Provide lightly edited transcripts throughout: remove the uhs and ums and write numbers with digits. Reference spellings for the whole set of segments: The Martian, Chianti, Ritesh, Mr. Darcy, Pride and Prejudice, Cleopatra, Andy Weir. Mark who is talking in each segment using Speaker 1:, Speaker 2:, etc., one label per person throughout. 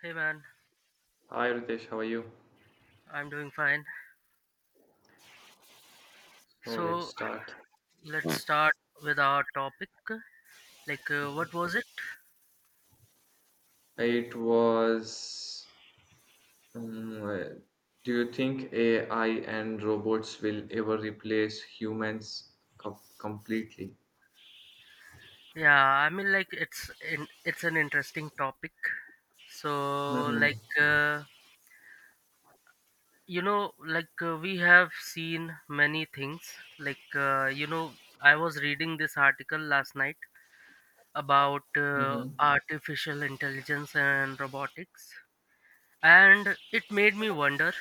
Speaker 1: Hey man,
Speaker 2: Hi Ritesh, how are you?
Speaker 1: I'm doing fine.
Speaker 2: So let's
Speaker 1: So
Speaker 2: start.
Speaker 1: let's
Speaker 2: Mm.
Speaker 1: start with our topic. Like,
Speaker 2: Mhm.
Speaker 1: what was it?
Speaker 2: It was. um, uh, do you think AI and robots will ever replace humans completely?
Speaker 1: Yeah, I mean, like it's an interesting topic. So
Speaker 2: Mm-hmm.
Speaker 1: like, like we have seen many things. Like, I was reading this article last night about
Speaker 2: Mm-hmm.
Speaker 1: artificial intelligence and robotics, and it made me wonder.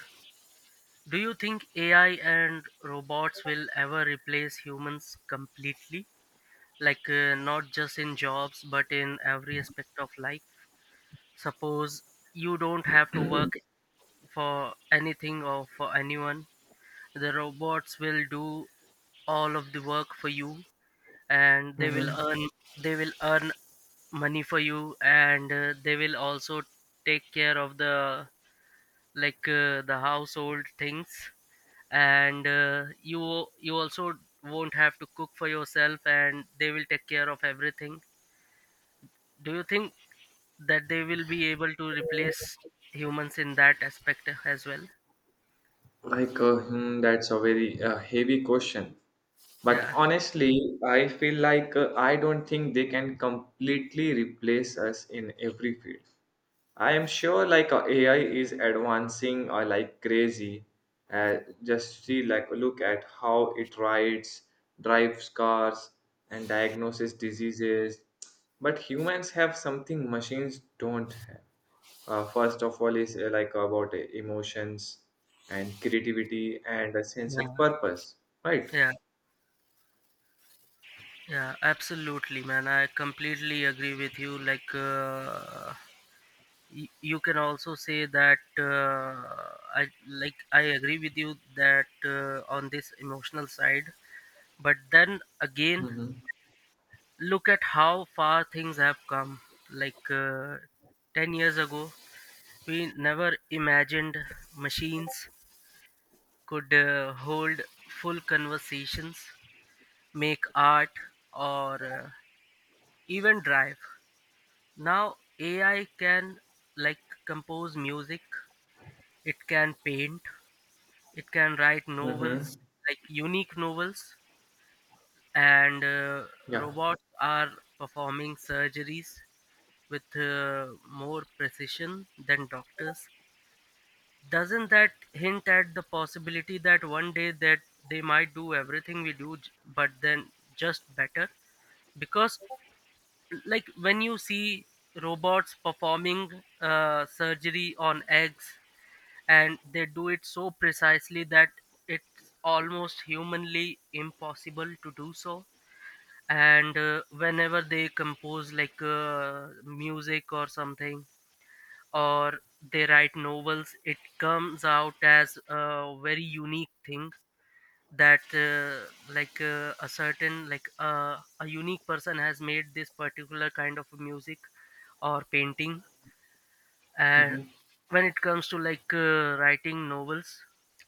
Speaker 1: Do you think AI and robots will ever replace humans completely? Like, not just in jobs, but in every aspect of life? Suppose you don't have to work for anything or for anyone, the robots will do all of the work for you, and they will
Speaker 2: Mm-hmm.
Speaker 1: earn they will earn money for you, and they will also take care of the, like the household things, and you also won't have to cook for yourself, and they will take care of everything. Do you think that they will be able to replace humans in that aspect as well?
Speaker 2: Like, that's a very heavy question. But
Speaker 1: Yeah,
Speaker 2: honestly, I feel like I don't think they can completely replace us in every field. I am sure like AI is advancing like crazy. Uh, just see like look at how it rides, drives cars, and diagnoses diseases. But humans have something machines don't have. First of all is like about emotions and creativity and a sense of
Speaker 1: yeah,
Speaker 2: purpose, right?
Speaker 1: yeah, yeah, absolutely man, I completely agree with you. Like, you can also say that I agree with you that on this emotional side. But then again,
Speaker 2: Mm-hmm.
Speaker 1: look at how far things have come. Like 10 years ago, we never imagined machines could hold full conversations, make art, or even drive. Now, AI can, like, compose music, it can paint, it can write novels,
Speaker 2: Mm-hmm.
Speaker 1: like unique novels, and
Speaker 2: Yeah.
Speaker 1: robots are performing surgeries with more precision than doctors. Doesn't that hint at the possibility that one day that they might do everything we do, but then just better? Because, like, when you see robots performing surgery on eggs, and they do it so precisely that it's almost humanly impossible to do so. And whenever they compose, like music or something, or they write novels, it comes out as a very unique thing that like a certain, like a unique person has made this particular kind of music or painting. And
Speaker 2: Mm-hmm.
Speaker 1: when it comes to, like writing novels,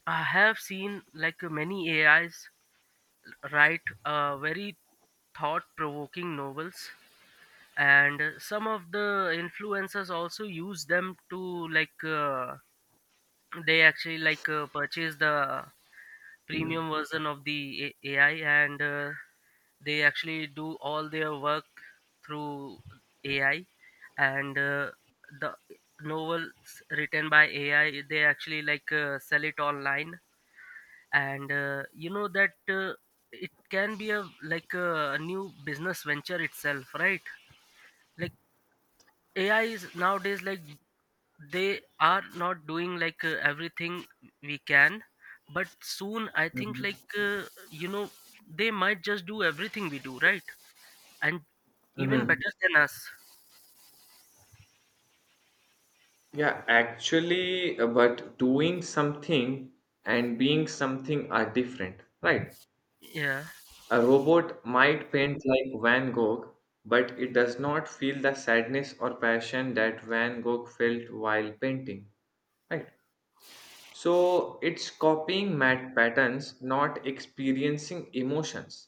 Speaker 1: I have seen, like, many AIs write very thought provoking novels. And some of the influencers also use them to, like they actually, like purchase the premium version of the AI, and they actually do all their work through AI. And the novels written by AI, they actually, like sell it online. And you know that it can be a, like a new business venture itself, right? Like, AI is nowadays, like, they are not doing, like everything we can, but soon I think,
Speaker 2: Mm-hmm.
Speaker 1: like, you know they might just do everything we do, right, and even
Speaker 2: Mm-hmm.
Speaker 1: better than us.
Speaker 2: Yeah, actually, but doing something and being something are different, right?
Speaker 1: Yeah,
Speaker 2: A robot might paint like Van Gogh, but it does not feel the sadness or passion that Van Gogh felt while painting, right? So it's copying mat patterns, not experiencing emotions.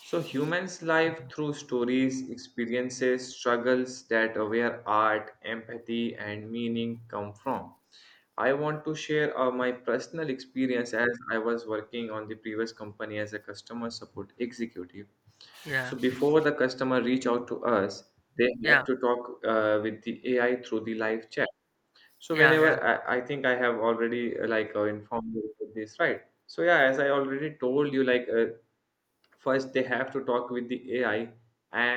Speaker 2: So humans live through stories, experiences, struggles that are where art, empathy, and meaning come from. I want to share my personal experience as I was working on the previous company as a customer support executive.
Speaker 1: yeah,
Speaker 2: So before the customer reach out to us, they
Speaker 1: yeah,
Speaker 2: have to talk with the AI through the live chat. So
Speaker 1: yeah, yeah,
Speaker 2: whenever I think I have already like informed you about this, right? So yeah, as I already told you, like first, they have to talk with the AI,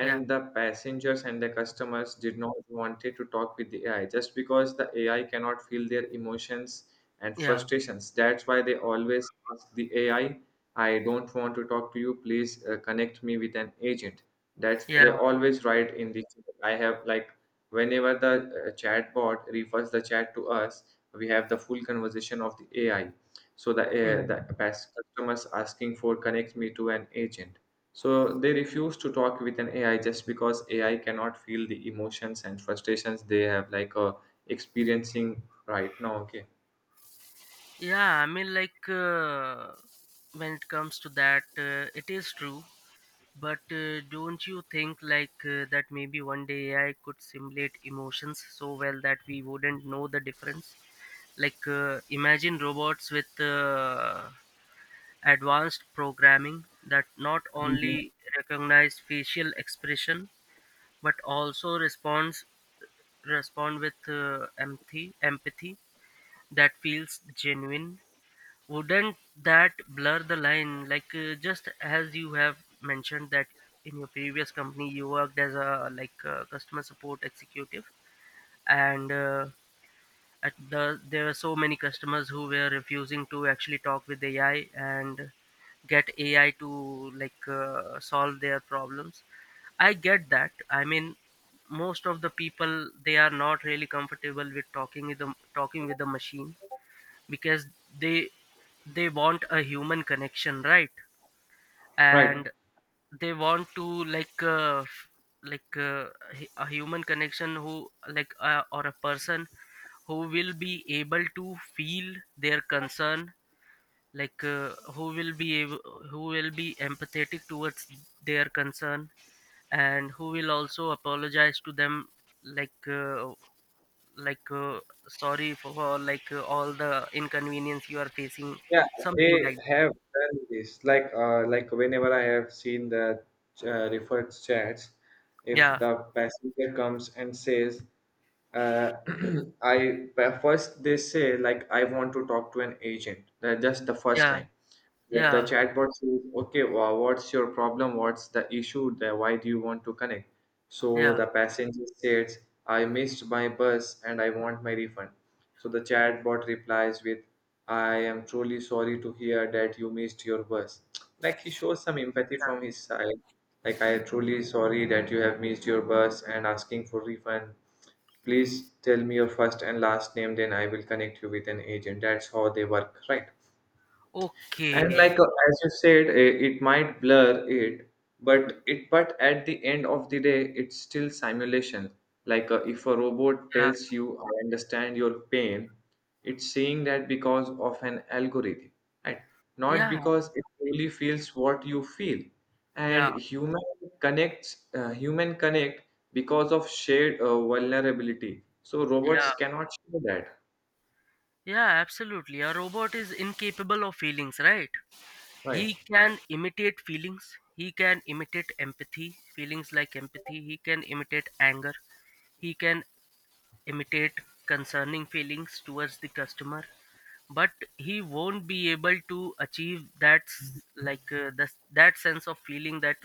Speaker 1: yeah,
Speaker 2: the passengers and the customers did not wanted to talk with the AI just because the AI cannot feel their emotions and
Speaker 1: yeah,
Speaker 2: frustrations. That's why they always ask the AI, "I don't want to talk to you. Please connect me with an agent." That's
Speaker 1: yeah,
Speaker 2: they always write in the chat. I have like whenever the chatbot refers the chat to us, we have the full conversation of the AI, so the
Speaker 1: yeah,
Speaker 2: uh, the past customers asking for connect me to an agent, so they refuse to talk with an AI just because AI cannot feel the emotions and frustrations they have like experiencing right now. Okay.
Speaker 1: yeah. I mean, like when it comes to that, it is true. But don't you think, like that maybe one day AI could simulate emotions so well that we wouldn't know the difference? Like, imagine robots with advanced programming that not
Speaker 2: Mhm.
Speaker 1: only recognize facial expression, but also respond with empathy that feels genuine. Wouldn't that blur the line? Like, just as you have mentioned that in your previous company you worked as a, like customer support executive, and at the there are so many customers who were refusing to actually talk with AI and get AI to, like solve their problems. I get that. I mean, most of the people, they are not really comfortable with talking with the machine, because they they want a human connection, right?
Speaker 2: Right.
Speaker 1: And they want to, like like a human connection, who, like or a person who will be able to feel their concern, like who will be empathetic towards their concern, and who will also apologize to them, like, like, sorry for, like all the inconvenience you are facing,
Speaker 2: Yeah,
Speaker 1: something
Speaker 2: they
Speaker 1: like that.
Speaker 2: have done this. Like whenever I have seen the referred chats, if
Speaker 1: Yeah,
Speaker 2: the passenger comes and says, uh, "I first they say like I want to talk to an agent." That's the first
Speaker 1: yeah,
Speaker 2: line. But the
Speaker 1: yeah,
Speaker 2: chatbot says, okay, what's your problem? What's the issue? Why do you want to connect? So
Speaker 1: yeah.
Speaker 2: the passenger says, I missed my bus and I want my refund. So the chatbot replies with, I am truly sorry to hear that you missed your bus. Like he shows some empathy from his side. Like, I am truly sorry that you have missed your bus and asking for refund. Please tell me your first and last name, then I will connect you with an agent. That's how they work, right? And
Speaker 1: Okay.
Speaker 2: like as you said it might blur it, but at the end of the day it's still simulation. Like if a robot
Speaker 1: Yeah.
Speaker 2: tells you I understand your pain, it's saying that because of an algorithm, right, not
Speaker 1: Yeah.
Speaker 2: because it
Speaker 1: Okay.
Speaker 2: really feels what you feel. And
Speaker 1: Yeah.
Speaker 2: human connect because of shared vulnerability, so
Speaker 1: Yeah.
Speaker 2: robots cannot share that,
Speaker 1: Yeah. Absolutely. A robot is incapable of feelings, right?
Speaker 2: right?
Speaker 1: He can imitate feelings. He can imitate empathy, feelings like empathy. He can imitate anger. He can imitate concerning feelings towards the customer, but he won't be able to achieve that like, that sense of feeling that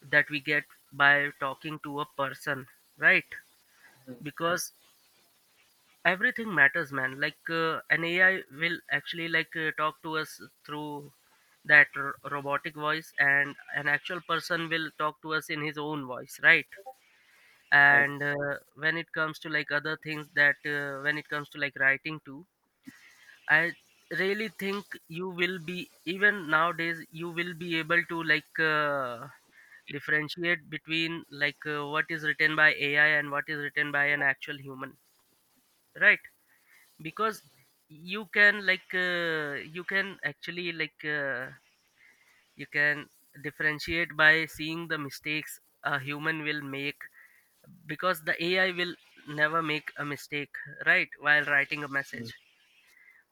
Speaker 1: that we get by talking to a person, right?
Speaker 2: Mm.
Speaker 1: Because everything matters, man. Like an AI will actually, like talk to us through that robotic voice, and an actual person will talk to us in his own voice, right?
Speaker 2: Right.
Speaker 1: And when it comes to, like, other things, that when it comes to, like, writing too, I really think you will be even nowadays you will be able to, like differentiate between, like what is written by AI and what is written by an actual human, right? Because you can like uh, you can actually like uh, you can differentiate by seeing the mistakes a human will make, because the AI will never make a mistake, right, while writing a
Speaker 2: Mhm.
Speaker 1: message.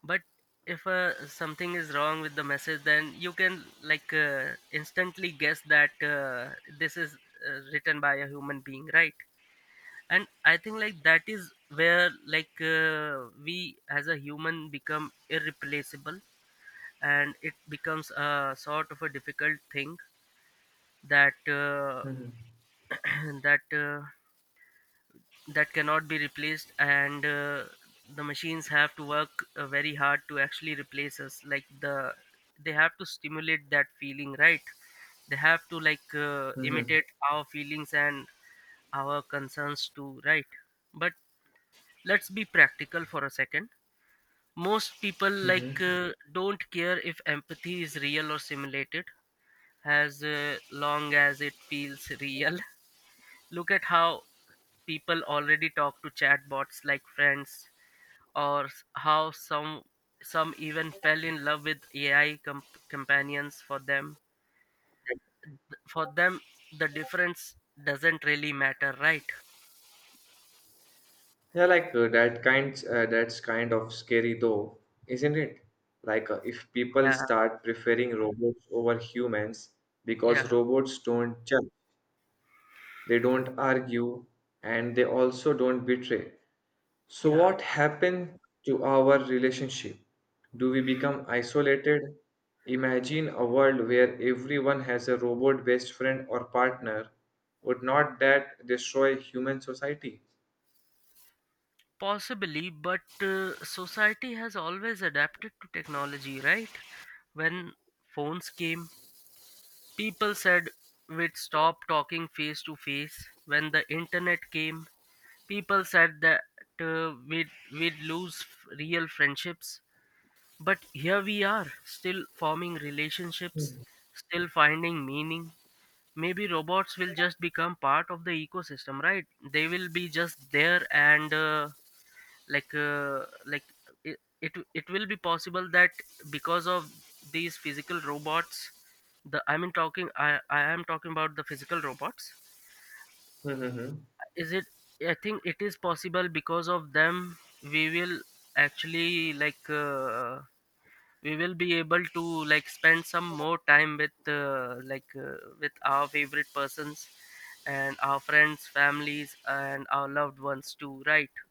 Speaker 1: But if something is wrong with the message, then you can, like instantly guess that this is written by a human being, right? And I think, like, that is where, like we as a human become irreplaceable, and it becomes a sort of a difficult thing that
Speaker 2: Mhm.
Speaker 1: that that cannot be replaced. And the machines have to work very hard to actually replace us, like they have to stimulate that feeling, right? They have to, like
Speaker 2: Mhm.
Speaker 1: imitate our feelings and our concerns too, right? But let's be practical for a second. Most people, like
Speaker 2: Mhm.
Speaker 1: don't care if empathy is real or simulated, as long as it feels real. Look at how people already talk to chatbots like friends, or how some even fell in love with AI companions. For them, for them, the difference doesn't really matter, right?
Speaker 2: Yeah, like that kind that's kind of scary though, isn't it? Like if people
Speaker 1: Yeah,
Speaker 2: start preferring robots over humans, because
Speaker 1: yeah,
Speaker 2: robots don't judge, they don't argue, and they also don't betray. So
Speaker 1: yeah.
Speaker 2: what happened to our relationship? Do we become isolated? Imagine a world where everyone has a robot best friend or partner. Would not that destroy human society?
Speaker 1: Possibly, but society has always adapted to technology, right? When phones came, people said we'd stop talking face to face. When the internet came, people said that we'd lose real friendships. But here we are, still forming relationships,
Speaker 2: Mhm.
Speaker 1: still finding meaning. Maybe robots will just become part of the ecosystem, right? They will be just there, and like like, it will be possible that because of these physical robots, the I mean, talking, I am talking about the physical robots.
Speaker 2: Mhm.
Speaker 1: Is it? I think it is possible because of them we will actually, like we will be able to, like, spend some more time with like with our favorite persons and our friends, families, and our loved ones too, right?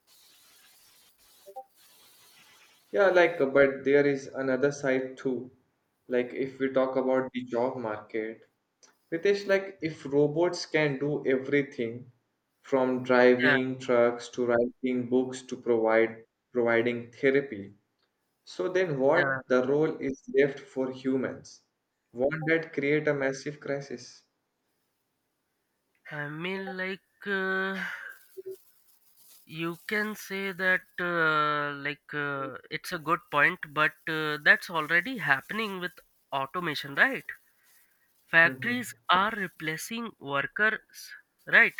Speaker 2: Yeah, like, but there is another side too. Like, if we talk about the job market, Ritesh, like, if robots can do everything from
Speaker 1: Yeah,
Speaker 2: driving trucks to writing books to provide providing therapy, so then
Speaker 1: yeah.
Speaker 2: what the role is left for humans? Won't that create a massive crisis?
Speaker 1: I mean, like you can say that, like, it's a good point, but that's already happening with automation, right?
Speaker 2: Mm-hmm.
Speaker 1: Factories are replacing workers, right?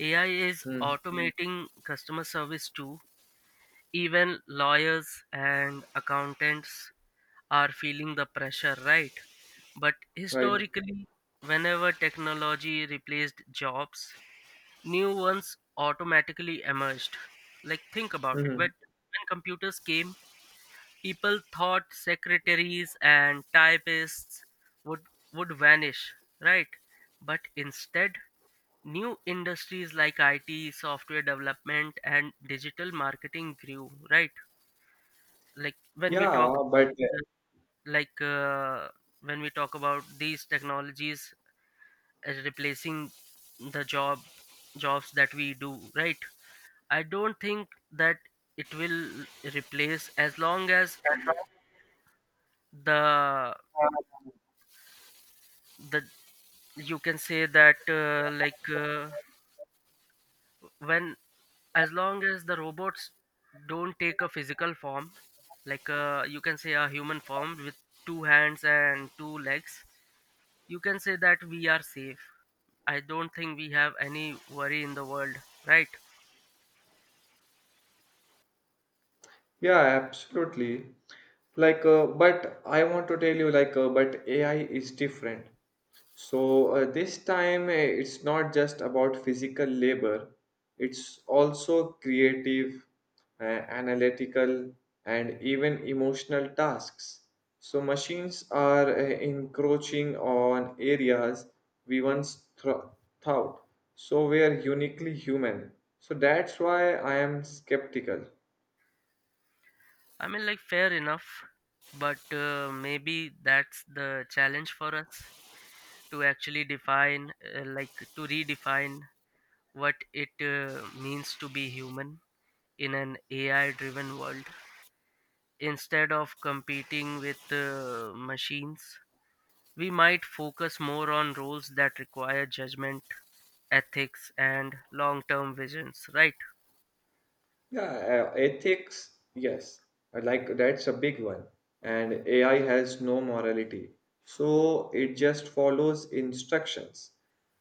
Speaker 1: AI is
Speaker 2: Mm,
Speaker 1: automating customer service too. Even lawyers and accountants are feeling the pressure, right? But
Speaker 2: right.
Speaker 1: historically, whenever technology replaced jobs, new ones automatically emerged. Like, think about it.
Speaker 2: Mm-hmm.
Speaker 1: But when computers came, people thought secretaries and typists would would vanish, right? But instead, new industries like IT, software development, and digital marketing grew, right? Like, when we
Speaker 2: Yeah,
Speaker 1: talk
Speaker 2: but
Speaker 1: about like when we talk about these technologies replacing the job jobs that we do, right, I don't think that it will replace, as long as the the you can say that, like, when as long as the robots don't take a physical form, like you can say a human form with two hands and two legs, you can say that we are safe. I don't think we have any worry in the world, right.
Speaker 2: yeah, absolutely. Like, but I want to tell you, like, but AI is different. So this time, it's not just about physical labor. It's also creative, uh, analytical, and even emotional tasks. So machines are encroaching on areas we once thought so we are uniquely human. So that's why I am skeptical.
Speaker 1: I mean, like, fair enough, but maybe that's the challenge for us to actually define, like, to redefine what it means to be human in an AI driven world. Instead of competing with machines, we might focus more on roles that require judgment, ethics, and long term visions, right?
Speaker 2: Yeah, ethics, yes. Like that's a big one. And AI has no morality. So it just follows instructions.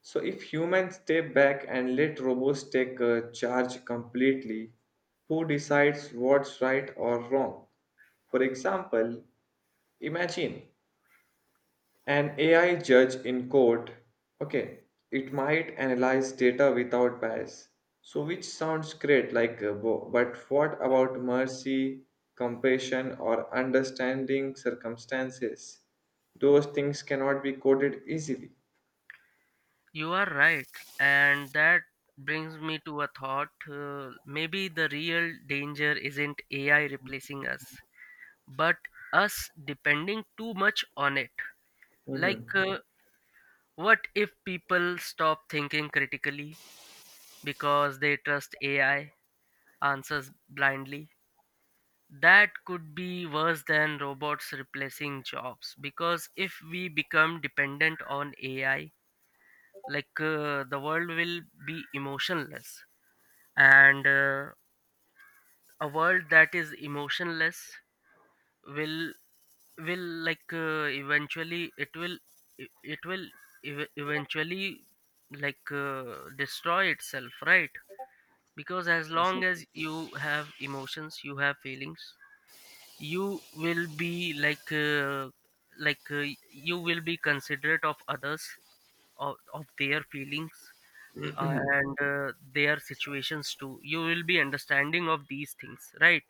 Speaker 2: So if humans step back and let robots take charge completely, who decides what's right or wrong? For example, imagine an AI judge in court, okay, it might analyze data without bias. So, which sounds great, like, but what about mercy, compassion, or understanding circumstances? Those things cannot be coded easily.
Speaker 1: You are right, and that brings me to a thought. Maybe the real danger isn't AI replacing us, but us depending too much on it. Like,
Speaker 2: Mhm.
Speaker 1: what if people stop thinking critically because they trust AI answers blindly? That could be worse than robots replacing jobs because if we become dependent on AI, the world will be emotionless and a world that is emotionless will will eventually it will it it will ev- eventually destroy itself, right? Because as long as you have emotions, you have feelings, you will be like uh, you will be considerate of others, of their feelings, and their situations too. You will be understanding of these things, right?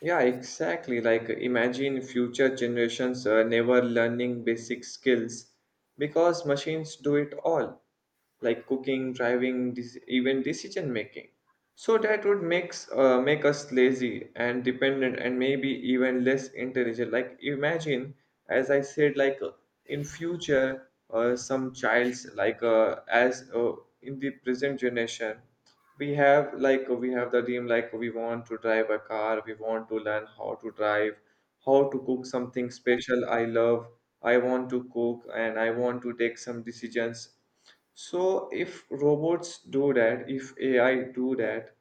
Speaker 2: Yeah, exactly. Like imagine future generations never learning basic skills because machines do it all, like cooking, driving, even decision making. So that would make us lazy and dependent, and maybe even less intelligent. Like imagine, as I said, like in future, some child's like as in the present generation, we have the dream, like we want to drive a car, we want to learn how to drive, how to cook something special, I love, I want to cook and I want to take some decisions. So if robots do that, if AI do that,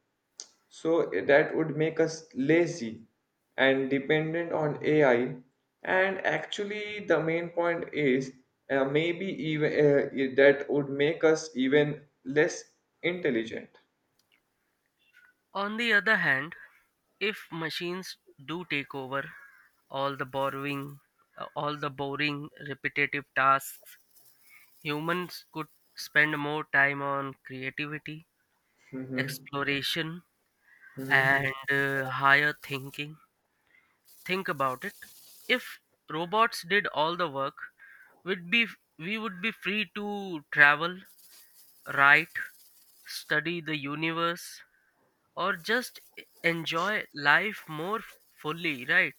Speaker 2: so that would make us lazy and dependent on AI. And actually the main point is, maybe even that would make us even less intelligent.
Speaker 1: On the other hand, if machines do take over all the borrowing all the boring repetitive tasks, humans could spend more time on creativity,
Speaker 2: Mm-hmm.
Speaker 1: exploration,
Speaker 2: Mm-hmm.
Speaker 1: and higher thinking. Think about it. If robots did all the work, we'd be we would be free to travel, write, study the universe, or just enjoy life more fully, right?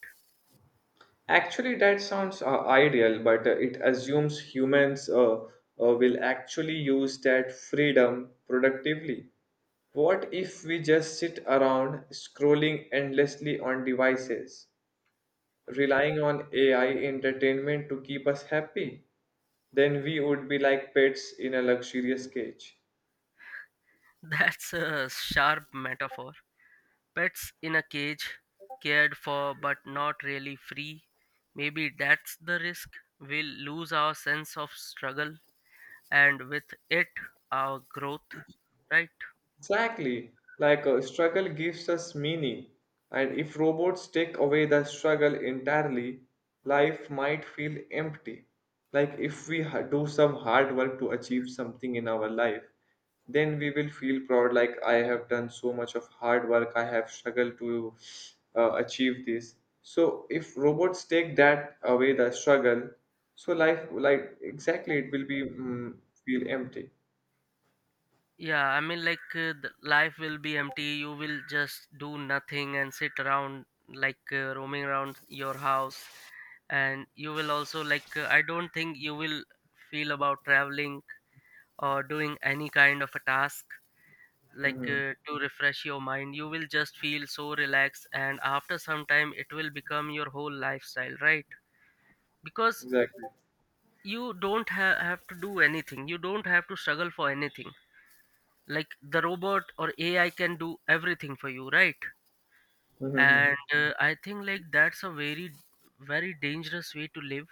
Speaker 2: Actually, that sounds ideal, but it assumes humans will actually use that freedom productively. What if we just sit around scrolling endlessly on devices, relying on AI entertainment to keep us happy? Then we would be like pets in a luxurious cage.
Speaker 1: That's a sharp metaphor. Pets in a cage, cared for but not really free. Maybe that's the risk. We'll lose our sense of struggle and with it, our growth, right?
Speaker 2: Exactly. Like a struggle gives us meaning, and if robots take away the struggle entirely, life might feel empty. Like if we do some hard work to achieve something in our life, then we will feel proud, like I have done so much of hard work, I have struggled to achieve this. So if robots take that away, the struggle, so life, like exactly, it will be feel empty.
Speaker 1: Yeah, I mean, the life will be empty. You will just do nothing and sit around, roaming around your house. And you will also, I don't think you will feel about traveling or doing any kind of a task,
Speaker 2: Hmm.
Speaker 1: to refresh your mind. You will just feel so relaxed. And after some time, it will become your whole lifestyle, right? Because
Speaker 2: Exactly.
Speaker 1: you don't ha- have to do anything, you don't have to struggle for anything, like the robot or ai can do everything for you, right?
Speaker 2: Hmm.
Speaker 1: And I think that's a very very dangerous way to live.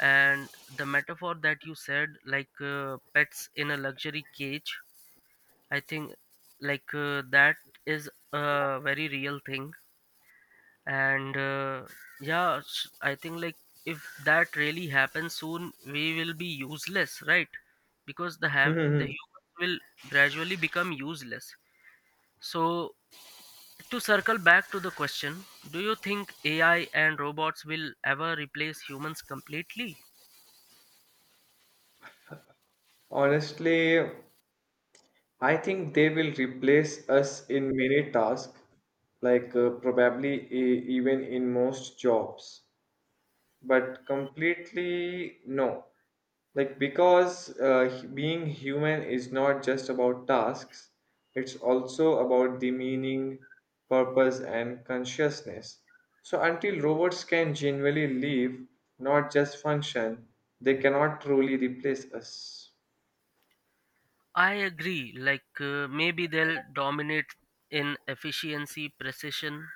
Speaker 1: And the metaphor that you said, pets in a luxury cage, I think that is a very real thing. And yeah, I think like if that really happens soon, we will be useless, right? Because the
Speaker 2: Mhm.
Speaker 1: humans will gradually become useless. So, to circle back to the question, do you think AI and robots will ever replace humans completely?
Speaker 2: Honestly, I think they will replace us in many tasks, like probably even in most jobs, but completely no. Like, because being human is not just about tasks, it's also about the meaning, purpose, and consciousness. So, until robots can genuinely live, not just function, they cannot truly replace us.
Speaker 1: I agree, maybe they'll dominate in efficiency, precision,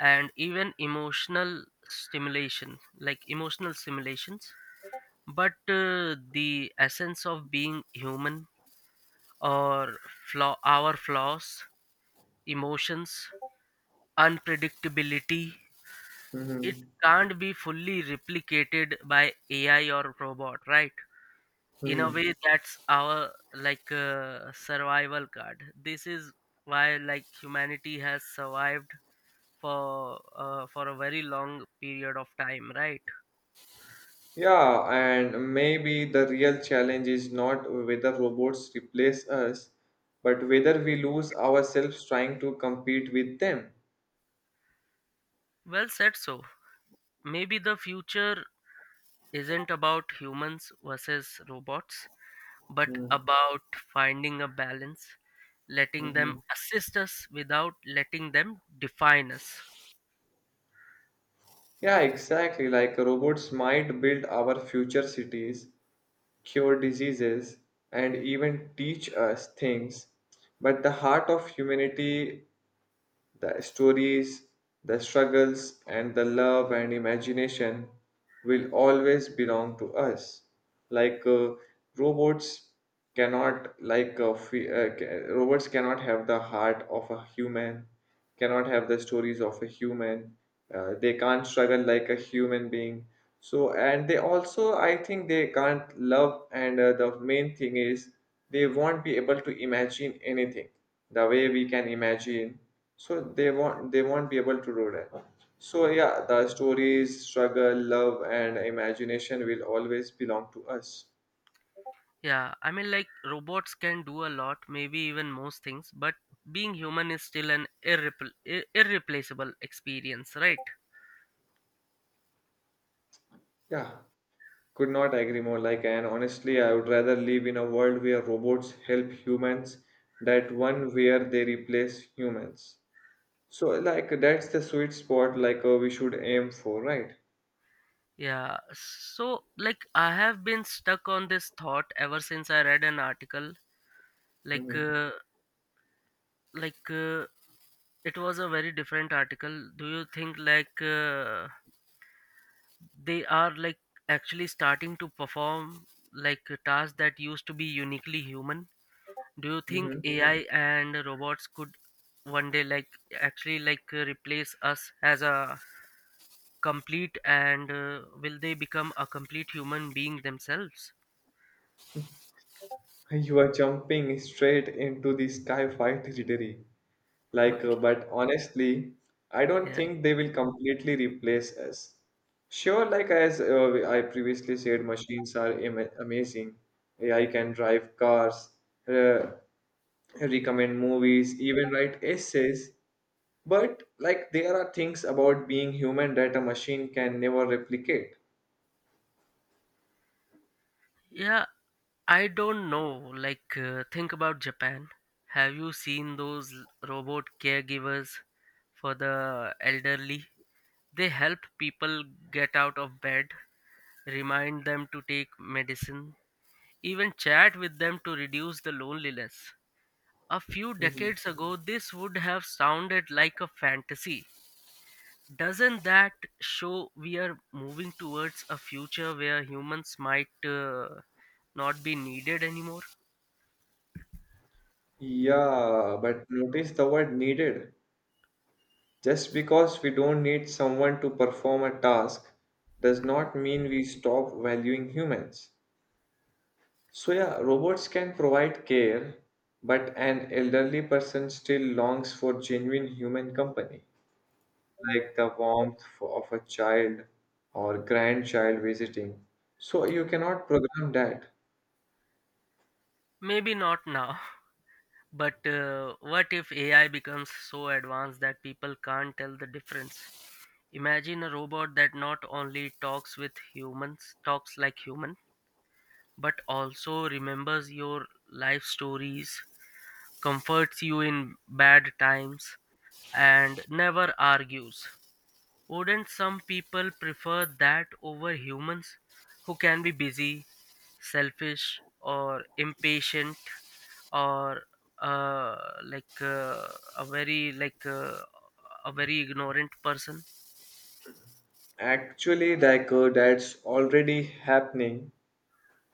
Speaker 1: and even emotional stimulation, like emotional stimulations. But the essence of being human or flaw, our flaws, emotions, unpredictability, it
Speaker 2: Mhm.
Speaker 1: can't be fully replicated by AI or robot, right? In a
Speaker 2: Mhm.
Speaker 1: way, that's our survival card. This is why like humanity has survived for a very long period of time, right?
Speaker 2: Yeah, and maybe the real challenge is not whether robots replace us, but whether we lose ourselves trying to compete with them.
Speaker 1: Well said. So maybe the future isn't about humans versus robots, but
Speaker 2: Mm-hmm.
Speaker 1: about finding a balance, letting them assist us without letting them define us.
Speaker 2: Yeah, exactly. Like robots might build our future cities, cure diseases, and even teach us things. But the heart of humanity, the stories, the struggles, and the love and imagination will always belong to us. Like robots cannot, robots cannot have the heart of a human, cannot have the stories of a human. They can't struggle like a human being. So, and they also, I think, they can't love. And the main thing is, they won't be able to imagine anything the way we can imagine, so they won't be able to do that. So yeah, the stories, struggle, love and imagination will always belong to us.
Speaker 1: Yeah, I mean, like robots can do a lot, maybe even most things, but being human is still an irreplaceable experience, right?
Speaker 2: Yeah, could not agree more. Like and honestly I would rather live in a world where robots help humans that one where they replace humans. So like that's the sweet spot like we should aim for, right?
Speaker 1: Yeah, so like I have been stuck on this thought ever since I read an article. Like,
Speaker 2: Mm-hmm.
Speaker 1: uh, like uh, it was a very different article. Do you think they are like actually starting to perform like tasks that used to be uniquely human? Do you think
Speaker 2: Mm-hmm.
Speaker 1: AI and robots could one day like actually replace us as a complete and will they become a complete human being themselves?
Speaker 2: You are jumping straight into the sky fight territory. Like,
Speaker 1: Okay.
Speaker 2: but honestly, I don't
Speaker 1: Yeah.
Speaker 2: think they will completely replace us. Sure, like as I previously said, machines are amazing. AI can drive cars, uh, recommend movies, even write essays. But like there are things about being human that a machine can never replicate.
Speaker 1: Yeah, I don't know. Think about Japan. Have you seen those robot caregivers for the elderly? They help people get out of bed, remind them to take medicine, even chat with them to reduce the loneliness. A few
Speaker 2: Mhm.
Speaker 1: decades ago, this would have sounded like a fantasy. Doesn't that show we are moving towards a future where humans might not be needed anymore?
Speaker 2: Yeah, but notice the word needed. Just because we don't need someone to perform a task does not mean we stop valuing humans. So, yeah, robots can provide care, but an elderly person still longs for genuine human company, like the warmth of a child or grandchild visiting. So, you cannot program that.
Speaker 1: Maybe not now, but what if AI becomes so advanced that people can't tell the difference? Imagine a robot that not only talks with humans, talks like human, but also remembers your life stories, comforts you in bad times, and never argues. Wouldn't some people prefer that over humans who can be busy, selfish, or impatient, or uh, like uh, a very like uh, a very ignorant person?
Speaker 2: Actually, like that's already happening.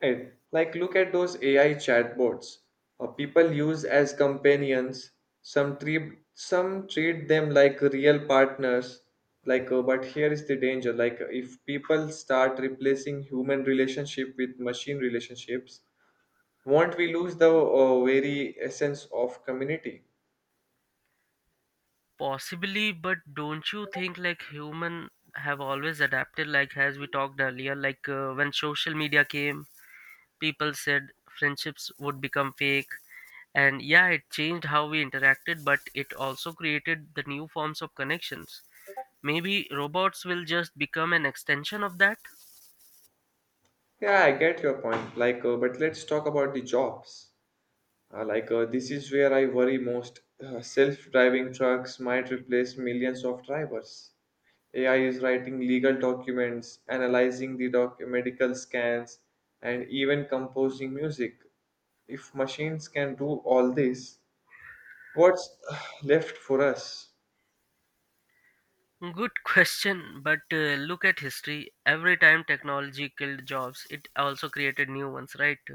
Speaker 2: Right. Like, look at those AI chatbots people use as companions. Some treat them like real partners. Like, but here is the danger. Like, if people start replacing human relationship with machine relationships, won't we lose the very essence of community?
Speaker 1: Possibly, but don't you think like human have always adapted? Like as we talked earlier, when social media came, people said friendships would become fake, and yeah, it changed how we interacted, but it also created the new forms of connections. Maybe robots will just become an extension of that.
Speaker 2: Yeah, I get your point. Like, but let's talk about the jobs. Like, this is where I worry most. Self-driving trucks might replace millions of drivers. AI is writing legal documents, analyzing the medical scans, and even composing music. If machines can do all this, what's left for us?
Speaker 1: Good question, but look at history. Every time technology killed jobs, it also created new ones, right?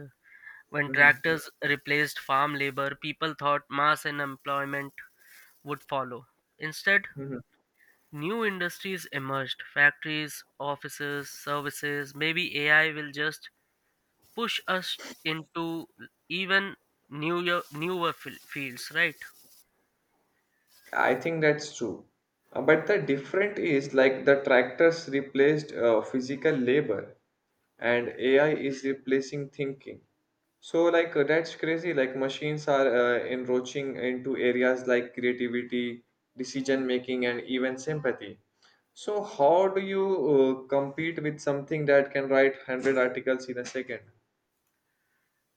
Speaker 1: When
Speaker 2: Mhm.
Speaker 1: tractors replaced farm labor, people thought mass unemployment would follow. Instead,
Speaker 2: Mhm.
Speaker 1: new industries emerged: factories, offices, services. Maybe AI will just push us into even newer fields, right?
Speaker 2: I think that's true. But the different is like the tractors replaced physical labor. And AI is replacing thinking. So, like, that's crazy. Like, machines are encroaching into areas like creativity, decision making, and even sympathy. So, how do you compete with something that can write 100 articles in a 2nd?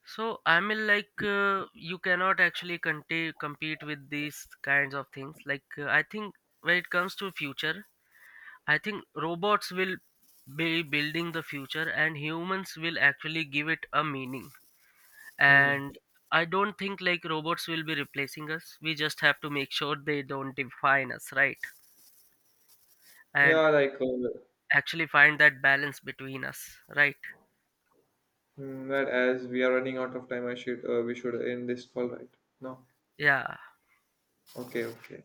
Speaker 1: So I mean, you cannot actually compete with these kinds of things. I think when it comes to future, I think robots will be building the future, and humans will actually give it a meaning.
Speaker 2: Hmm.
Speaker 1: And I don't think like robots will be replacing us, we just have to make sure they don't define us, right? And
Speaker 2: Yeah, like,
Speaker 1: actually find that balance between us, right?
Speaker 2: that as we are running out of time, I should, we should end this call, right? No.
Speaker 1: Yeah.
Speaker 2: Okay, okay.